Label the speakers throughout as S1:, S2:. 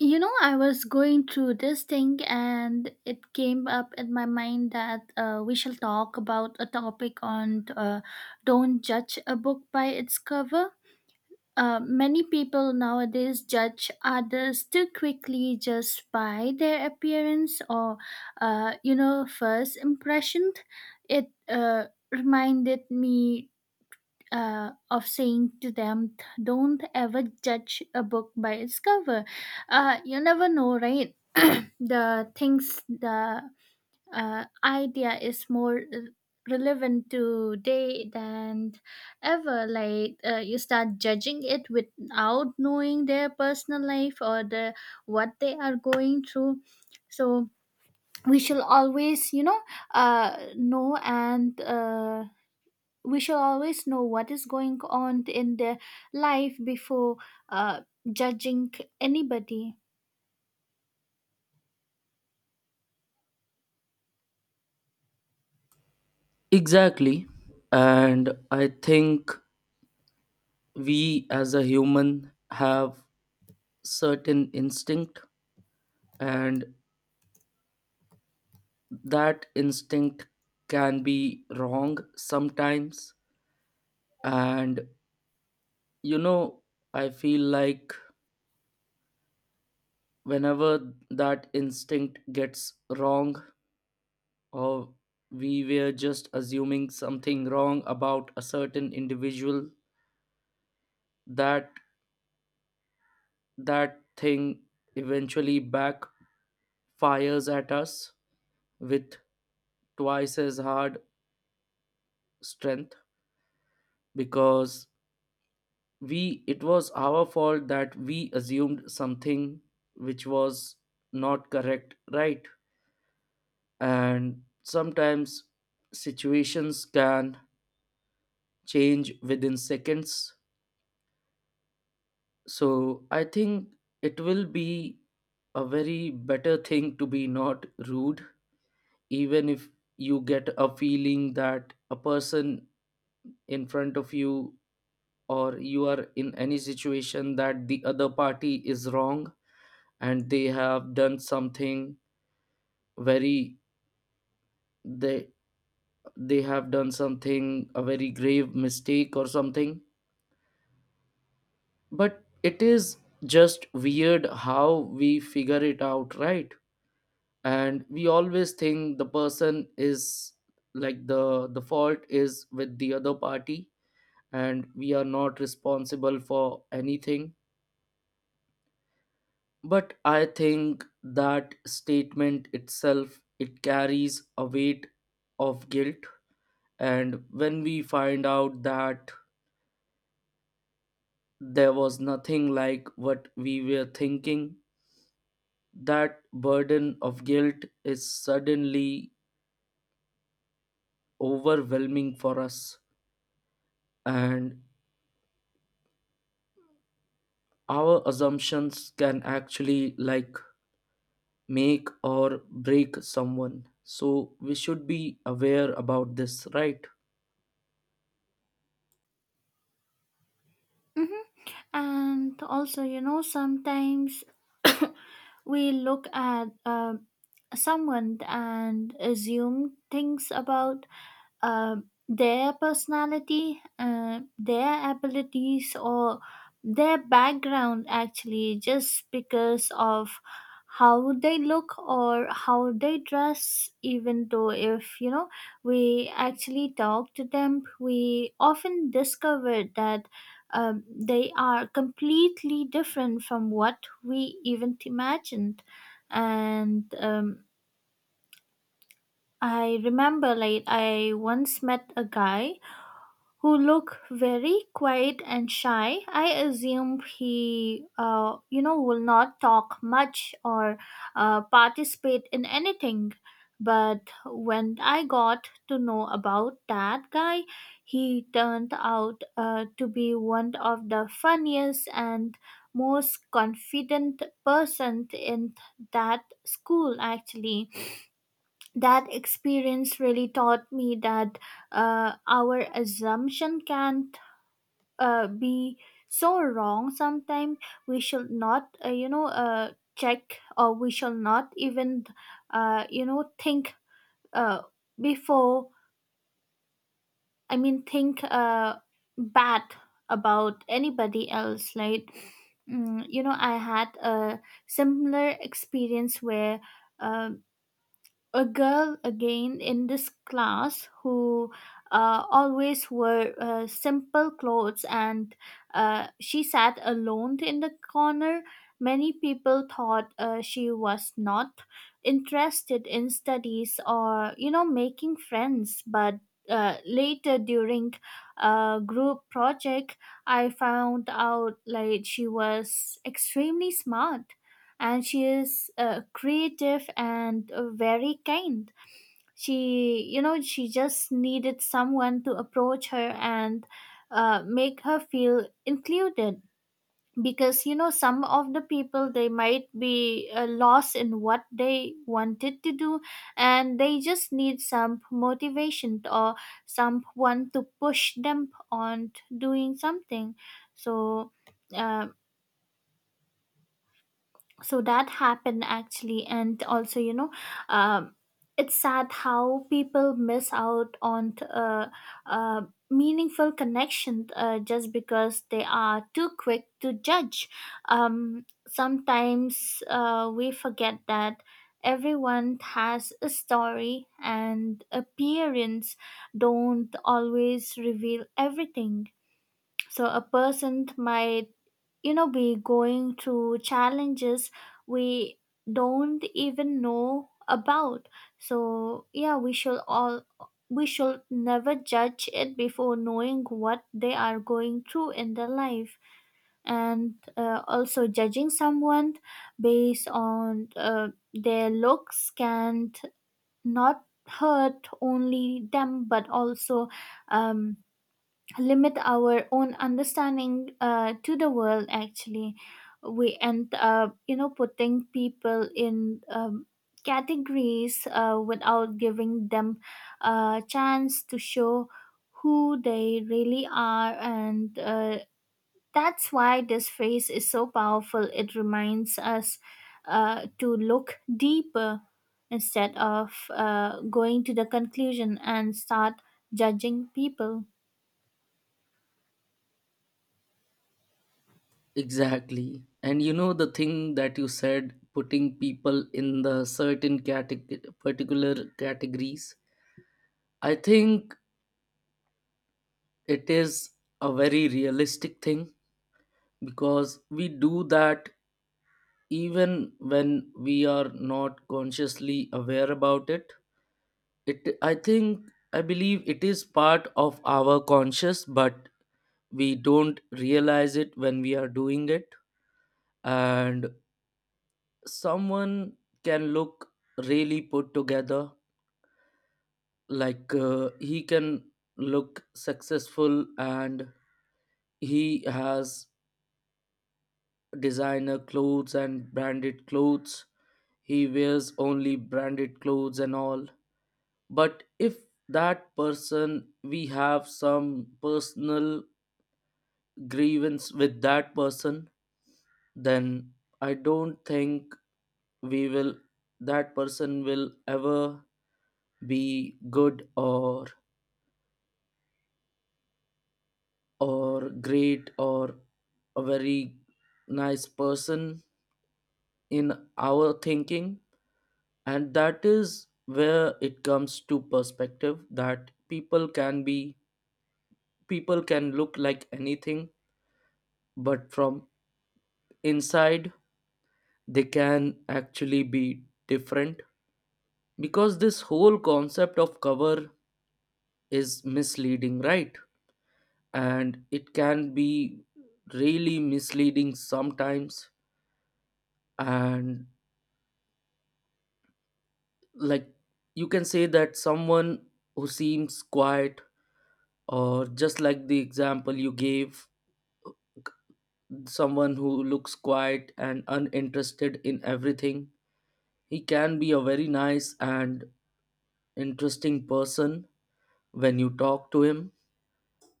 S1: You know, I was going through this thing and it came up in my mind that we shall talk about a topic on don't judge a book by its cover. Many people nowadays judge others too quickly just by their appearance or, you know, first impression. It reminded me of saying to them, don't ever judge a book by its cover. You never know, right? The idea is more relevant today than ever. Like you start judging it without knowing their personal life or the what they are going through. So we shall always, you know and. We should always know what is going on in their life before uh, judging anybody
S2: Exactly. And I think we as a human have certain instinct, and that instinct can be wrong sometimes, and you know I feel like whenever that instinct gets wrong, or we were just assuming something wrong about a certain individual, that that thing eventually backfires at us with twice as hard strength, because we it was our fault that we assumed something which was not correct, right? And sometimes situations can change within seconds, so I think it will be a very better thing to be not rude, even if you get a feeling that a person in front of you, or you are in any situation that the other party is wrong and they have done something very, they they have done something, a very grave mistake or something. But it is just weird how we figure it out, right? And we always think the person is, like, the fault is with the other party and we are not responsible for anything. But I think that statement itself, it carries a weight of guilt, and when we find out that there was nothing like what we were thinking, that burden of guilt is suddenly overwhelming for us. And our assumptions can actually, like, make or break someone, so we should be aware about this, right?
S1: and also you know sometimes we look at someone and assume things about uh, their personality, their abilities, or their background actually just because of how they look or how they dress even though if you know we actually talk to them we often discover that they are completely different from what we even imagined. And I remember, like, I once met a guy who look very quiet and shy. I assume he, will not talk much or participate in anything. But when I got to know about that guy, he turned out to be one of the funniest and most confident person in that school actually. That experience really taught me that our assumption can be so wrong sometimes. We shall not check, or we shall not even think uh, before, think bad about anybody else. Like, you know, I had a similar experience where um a girl again in this class who always wore simple clothes and she sat alone in the corner. Many people thought she was not interested in studies or, you know, making friends. But later during a group project, I found out like she was extremely smart and she is creative and very kind. She you know she just needed someone to approach her and make her feel included, because you know some of the people they might be lost in what they wanted to do and they just need some motivation or someone to push them on doing something. So uh, so that happened actually. And also you know, um, it's sad how people miss out on uh, meaningful connection just because they are too quick to judge. Sometimes we forget that everyone has a story and appearance don't always reveal everything. So a person might you know be going through challenges we don't even know about. So yeah, we should never judge it before knowing what they are going through in their life. And also judging someone based on their looks can not hurt only them but also um, limit our own understanding to the world actually. We end up you know putting people in categories without giving them a chance to show who they really are. And that's why this phrase is so powerful. It reminds us to look deeper instead of going to the conclusion and start judging people.
S2: Exactly. And you know the thing that you said, putting people in the certain category, particular categories. I think it is a very realistic thing, because we do that even when we are not consciously aware about it. I think, I believe it is part of our conscious, but we don't realize it when we are doing it. And someone can look really put together, like he can look successful, and he has designer clothes and branded clothes, he wears only branded clothes and all. But if that person, we have some personal grievance with that person, then I don't think we will that person will ever be good, or great, or a very nice person in our thinking. And that is where it comes to perspective, that people can be, people can look like anything, but from inside they can actually be different, because this whole concept of cover is misleading, right? And it can be really misleading sometimes. And, like, you can say that someone who seems quiet, or just like the example you gave, someone who looks quiet and uninterested in everything, he can be a very nice and interesting person when you talk to him.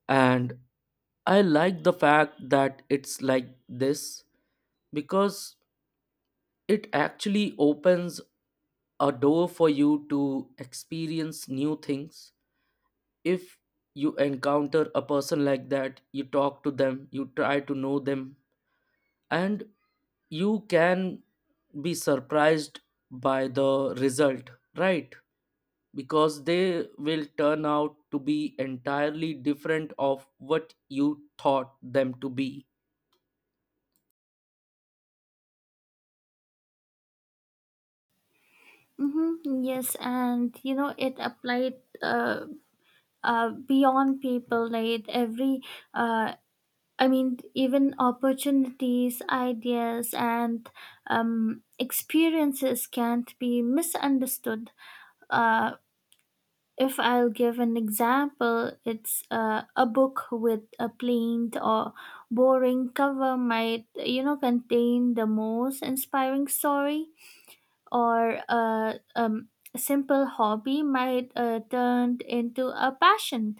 S2: And I like the fact that it's like this, because it actually opens a door for you to experience new things. If you encounter a person like that, you talk to them, you try to know them, and you can be surprised by the result, right? Because they will turn out to be entirely different of what you thought them to be.
S1: Mm-hmm. Yes, and you know it applied beyond people. Like uh, I mean, even opportunities, ideas, and experiences can't be misunderstood. Uh, if I'll give an example, it's a book with a plain or boring cover might you know contain the most inspiring story, or a simple hobby might turn into a passion,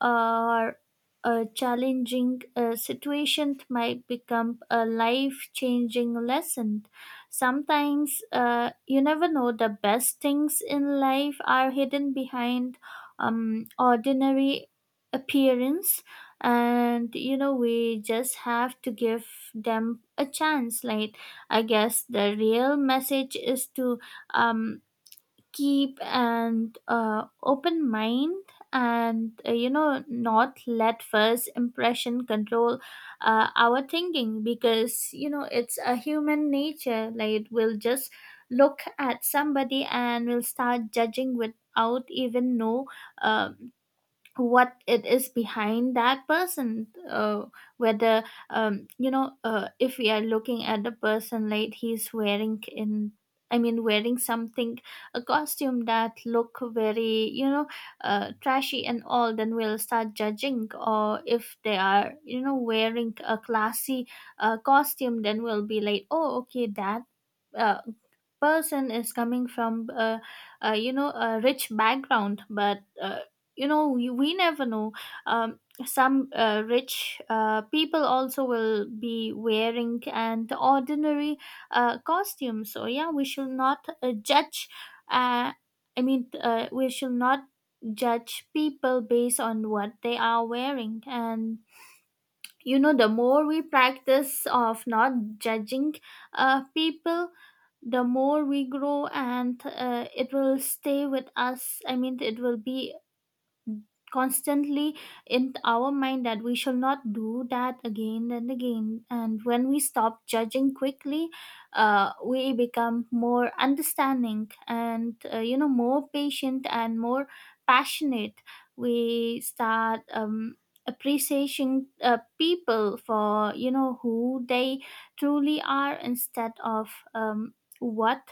S1: or a challenging situation might become a life changing lesson. Sometimes you never know, the best things in life are hidden behind ordinary appearance, and you know we just have to give them a chance. Like, I guess the real message is to um keep an open mind, and you know not let first impression control our thinking. Because you know it's a human nature, like we'll just look at somebody and we'll start judging without even know um what it is behind that person. Whether you know if we are looking at the person like he's wearing in, wearing something, a costume that look very you know trashy and all, then we'll start judging. Or if they are you know wearing a classy costume, then we'll be like, oh okay, that uh, person is coming from you know a rich background. But you know we never know, some rich people also will be wearing an ordinary costume. So yeah, we should not judge uh, I mean we should not judge people based on what they are wearing. And you know the more we practice of not judging people, the more we grow. And it will stay with us, it will be constantly in our mind that we shall not do that again and again. And when we stop judging quickly, we become more understanding and you know more patient and more passionate. We start appreciating people for you know who they truly are instead of um, what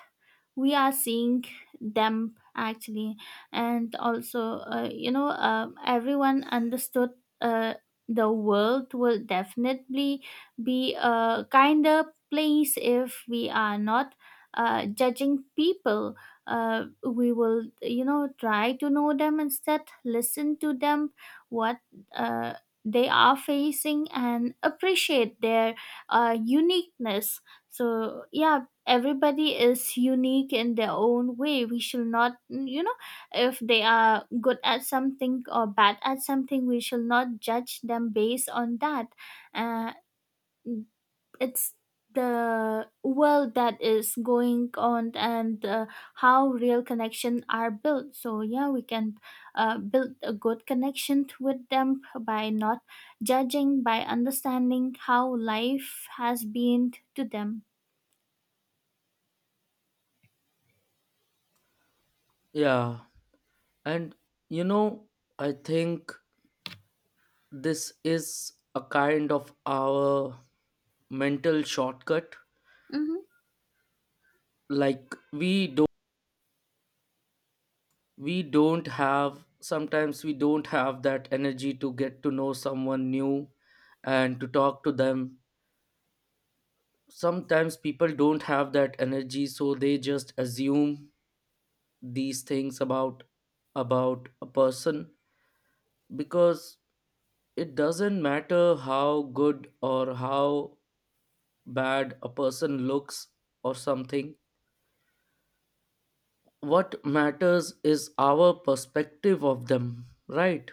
S1: we are seeing them actually. And also everyone understood, uh, the world will definitely be a kinder place if we are not judging people. We will you know try to know them instead, listen to them, what uh, they are facing, and appreciate their uniqueness. So yeah, everybody is unique in their own way. We shall not you know, if they are good at something or bad at something, we shall not judge them based on that. Uh, it's the world that is going on, and how real connection are built. So yeah, we can build a good connection with them by not judging, by understanding how life has been to them.
S2: Yeah, and you know I think this is a kind of our mental shortcut.
S1: Mhm.
S2: Like we don't have, sometimes we don't have that energy to get to know someone new and to talk to them. Sometimes people don't have that energy, so they just assume these things about a person. Because it doesn't matter how good or how bad a person looks or something, what matters is our perspective of them, right?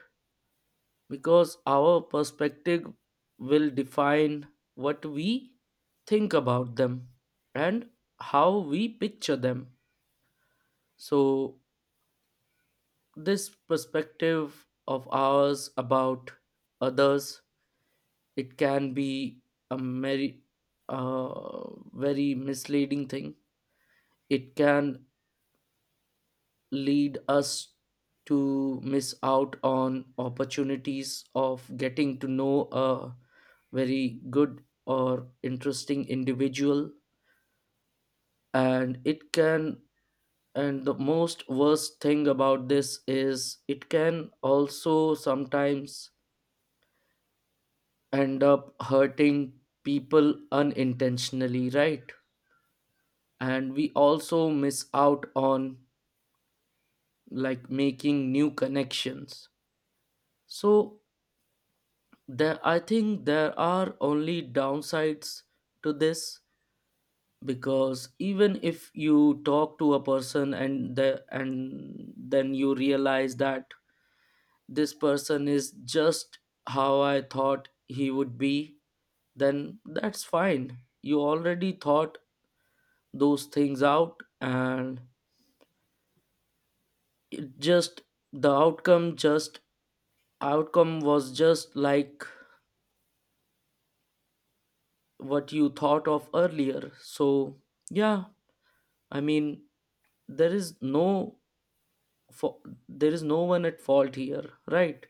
S2: Because our perspective will define what we think about them and how we picture them. So this perspective of ours about others, it can be a very, very misleading thing. It can lead us to miss out on opportunities of getting to know a very good or interesting individual. And it can, and the most worst thing about this is, it can also sometimes end up hurting people unintentionally, right? And we also miss out on, like, making new connections. So there, I think there are only downsides to this, because even if you talk to a person, and the and then you realize that this person is just how I thought he would be, then that's fine. You already thought those things out, and just the outcome was just like what you thought of earlier. So yeah, I mean, there is no fa- there is no one at fault here, right?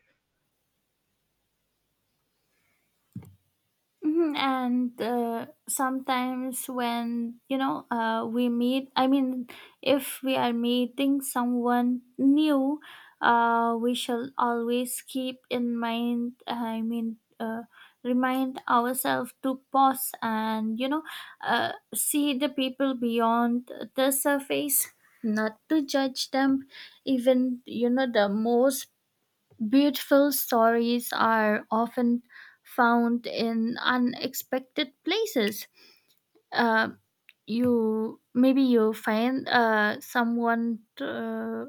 S1: Mhm, and sometimes when you know we meet, if we are meeting someone new, we shall always keep in mind, remind ourselves to pause and you know see the people beyond the surface, not to judge them. Even you know the most beautiful stories are often found in unexpected places. Uh, you maybe you find someone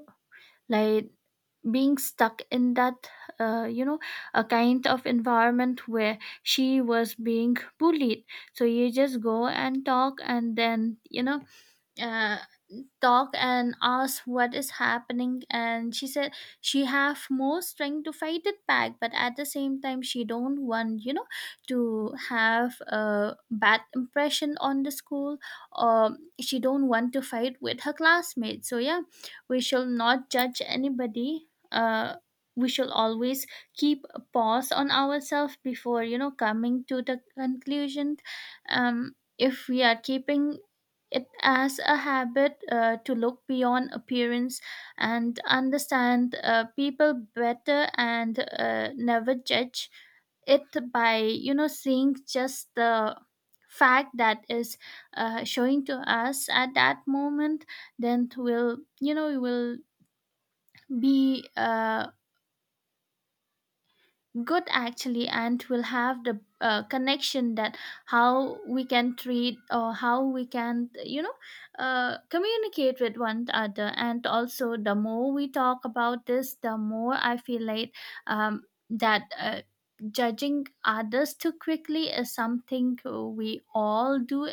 S1: like being stuck in that you know a kind of environment where she was being bullied. So you just go and talk and then you know uh, talk and asked what is happening, and she said she have more strength to fight it back, but at the same time she don't want you know to have a bad impression on the school, or she don't want to fight with her classmates. So yeah, we shall not judge anybody. uh we shall always keep a pause on ourselves before you know coming to the conclusion. If we are keeping it as a habit to look beyond appearance and understand people better, and never judge it by you know seeing just the fact that is showing to us at that moment, then we'll you know we will be good actually, and will have the connection that how we can treat or how we can you know communicate with one another. And also the more we talk about this, the more I feel like um, that judging others too quickly is something we all do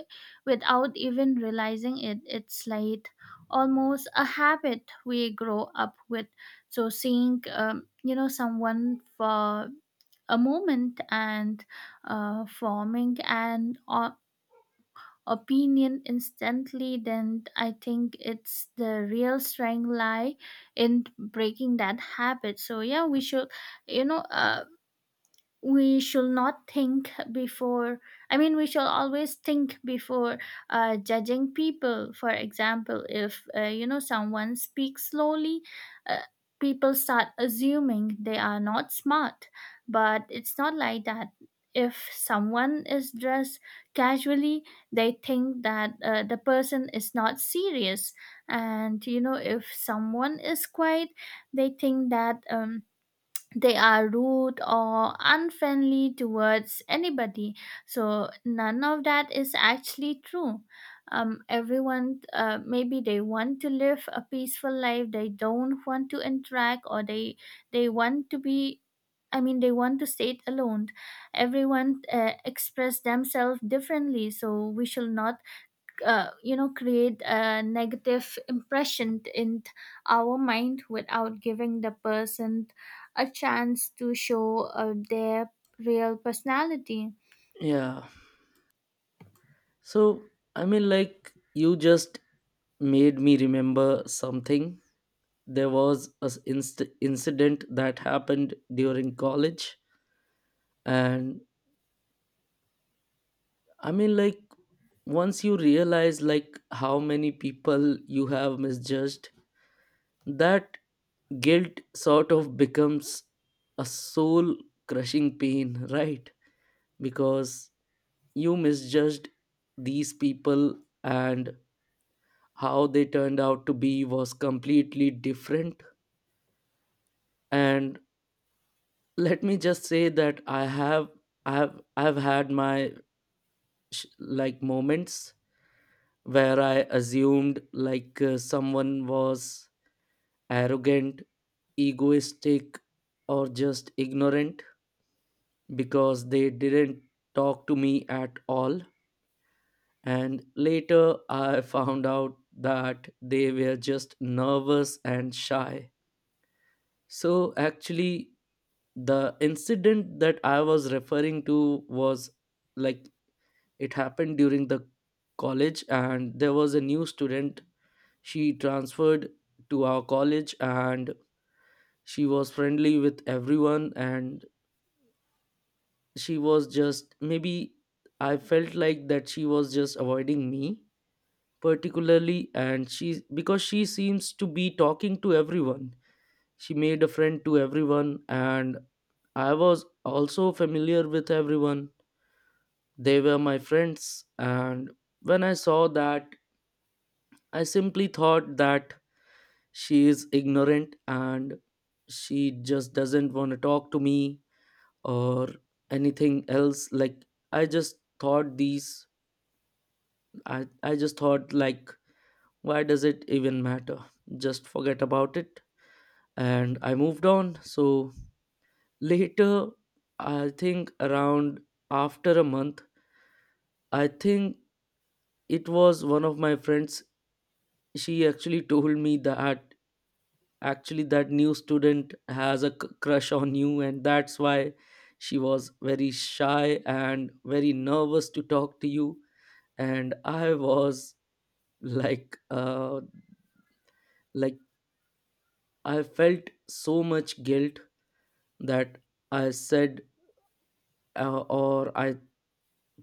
S1: without even realizing it. It's like almost a habit we grow up with. So seeing you know someone for a moment and forming an opinion instantly, then I think it's the real strength lie in breaking that habit. So yeah, we should you know we should not think before we should always think before judging people. For example, if you know someone speaks slowly, uh, people start assuming they are not smart, but it's not like that. If someone is dressed casually, they think that the person is not serious. And you know if someone is quiet, they think that they are rude or unfriendly towards anybody. So none of that is actually true. Everyone, maybe they want to live a peaceful life. They don't want to interact, or they want to be. I mean, they want to stay alone. Everyone express themselves differently, so we should not you know create a negative impression in our mind without giving the person a chance to show their real personality.
S2: Yeah, so I mean, like, you just made me remember something. There was a incident that happened during college. And I mean, like, once you realize like how many people you have misjudged, that guilt sort of becomes a soul crushing pain right? Because you misjudged these people, and how they turned out to be was completely different. And let me just say that I have I've had my like moments where I assumed like someone was arrogant, egoistic, or just ignorant because they didn't talk to me at all. And later, I found out that they were just nervous and shy. So actually, the incident that I was referring to was, like, it happened during the college, and there was a new student. She transferred to our college, and she was friendly with everyone, and she was just maybe, I felt like that she was just avoiding me particularly. And she because she seems to be talking to everyone, she made a friend to everyone, and I was also familiar with everyone, they were my friends. And when I saw that, I simply thought that she is ignorant and she just doesn't want to talk to me or anything else. Like, I just thought these, i I just thought, like, why does it even matter, just forget about it. And I moved on. So later, I think around after a month, I think it was one of my friends. She actually told me that actually that new student has a crush on you, and that's why she was very shy and very nervous to talk to you. And I was like, like, I felt so much guilt that I said, or I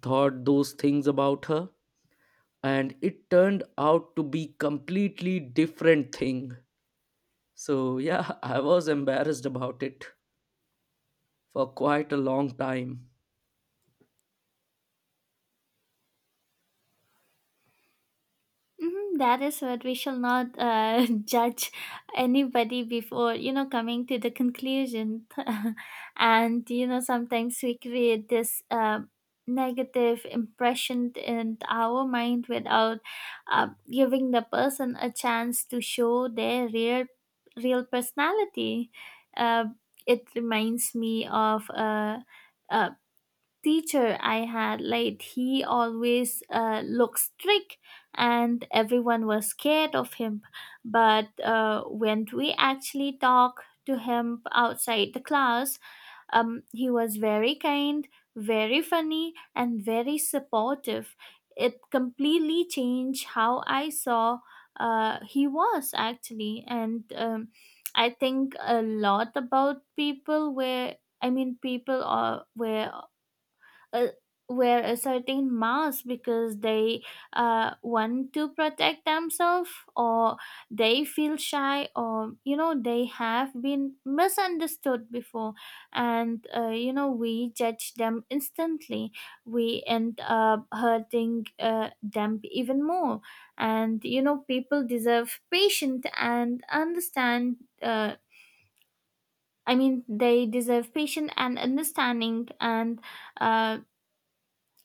S2: thought those things about her, and it turned out to be completely different thing. So yeah, I was embarrassed about it for quite a long time.
S1: Mhm. That is what we shall not judge anybody before, you know, coming to the conclusion. And, you know, sometimes we create this negative impression in our mind without giving the person a chance to show their real personality. Uh, it reminds me of. Uh, Teacher I had, like he always looked strict, and everyone was scared of him. But when we actually talked to him outside the class, he was very kind, very funny, and very supportive. It completely changed how I saw he was actually. And I think a lot about people where people are where uh, wear a certain mask because they want to protect themselves, or they feel shy, or you know they have been misunderstood before. And you know we judge them instantly, we end up hurting them even more. And you know people deserve patient and understand uh, I mean they deserve patient and understanding. And uh,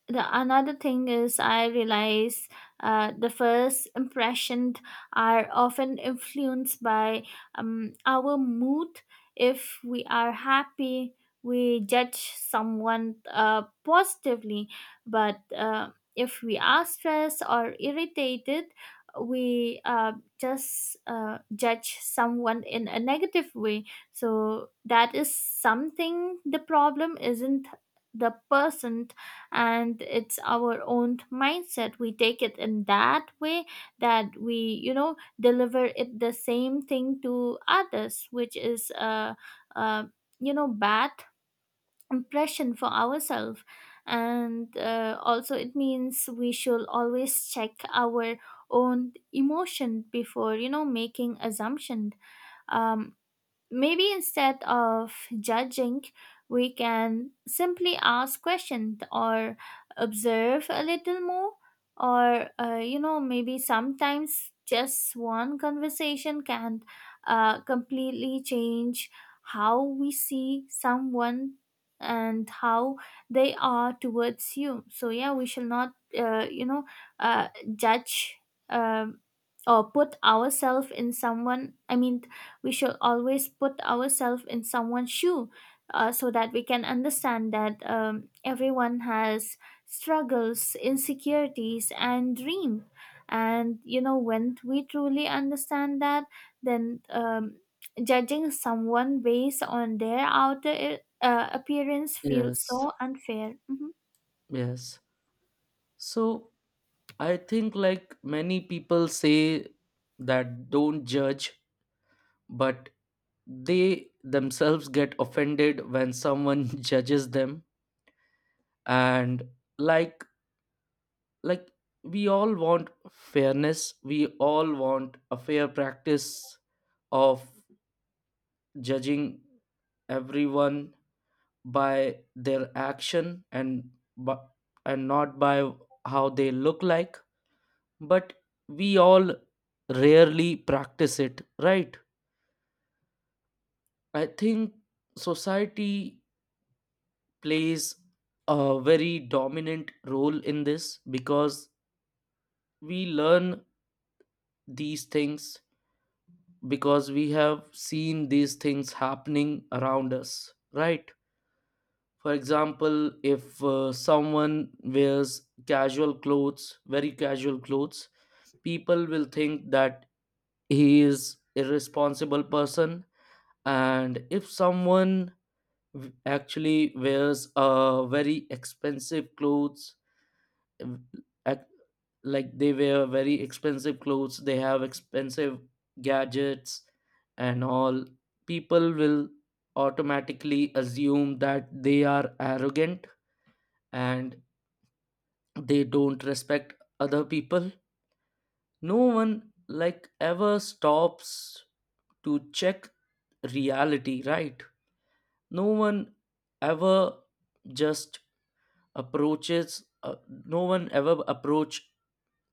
S1: the another thing is I realize the first impressions are often influenced by our mood. If we are happy, we judge someone positively, but if we are stressed or irritated, we just judge someone in a negative way. So that is something, the problem isn't the person, and it's our own mindset. We take it in that way, that we you know deliver it the same thing to others, which is a you know bad impression for ourselves. And also it means we should always check our own emotion before you know making assumption. um, Maybe instead of judging, we can simply ask questions or observe a little more, or you know maybe sometimes just one conversation can completely change how we see someone and how they are towards you. So yeah, we shall not uh, you know uh, judge, um, or put ourselves in someone I mean we should always put ourselves in someone's shoe, so that we can understand that everyone has struggles, insecurities, and dream. And you know when we truly understand that, then judging someone based on their outer appearance feels
S2: Yes,
S1: so unfair. Mhm.
S2: yes. So I think, like, many people say that don't judge, but they themselves get offended when someone judges them. And like like, we all want fairness, we all want a fair practice of judging everyone by their action, and but, and not by how they look like. But we all rarely practice it, right? I think society plays a very dominant role in this, because we learn these things, because we have seen these things happening around us, right? For example, if someone wears casual clothes, very casual clothes, people will think that he is irresponsible person. And if someone actually wears a very expensive clothes, ev- ac- like, they wear very expensive clothes, they have expensive gadgets and all, people will automatically assume that they are arrogant and they don't respect other people. No one, like, ever stops to check reality, right? No one ever just approaches no one ever approach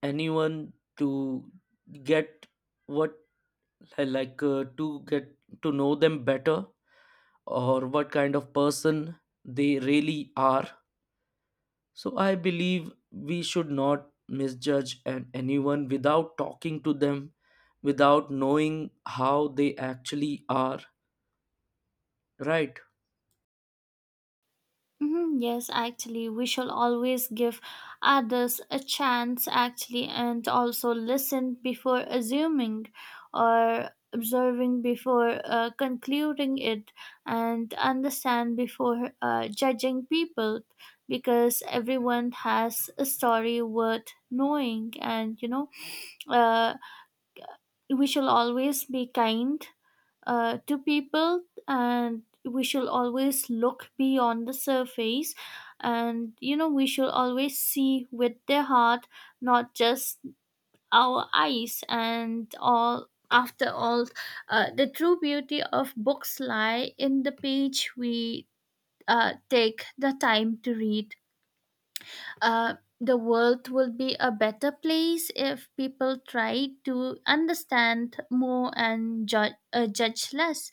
S2: anyone to get what I like to get to know them better, or what kind of person they really are. So I believe we should not misjudge anyone without talking to them, without knowing how they actually are, right?
S1: Mhm. Yes, actually, we shall always give others a chance, actually, and also listen before assuming, or observing before concluding it, and understand before judging people. Because everyone has a story worth knowing. And you know uh, we shall always be kind to people, and we shall always look beyond the surface. And you know we shall always see with their heart, not just our eyes and all. After all, the true beauty of books lie in the page we take the time to read. uh, the world will be a better place if people try to understand more and judge less.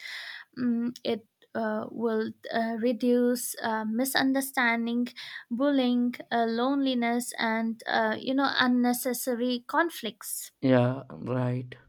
S1: Mm, it will reduce misunderstanding, bullying, loneliness, and you know unnecessary conflicts.
S2: Yeah, right.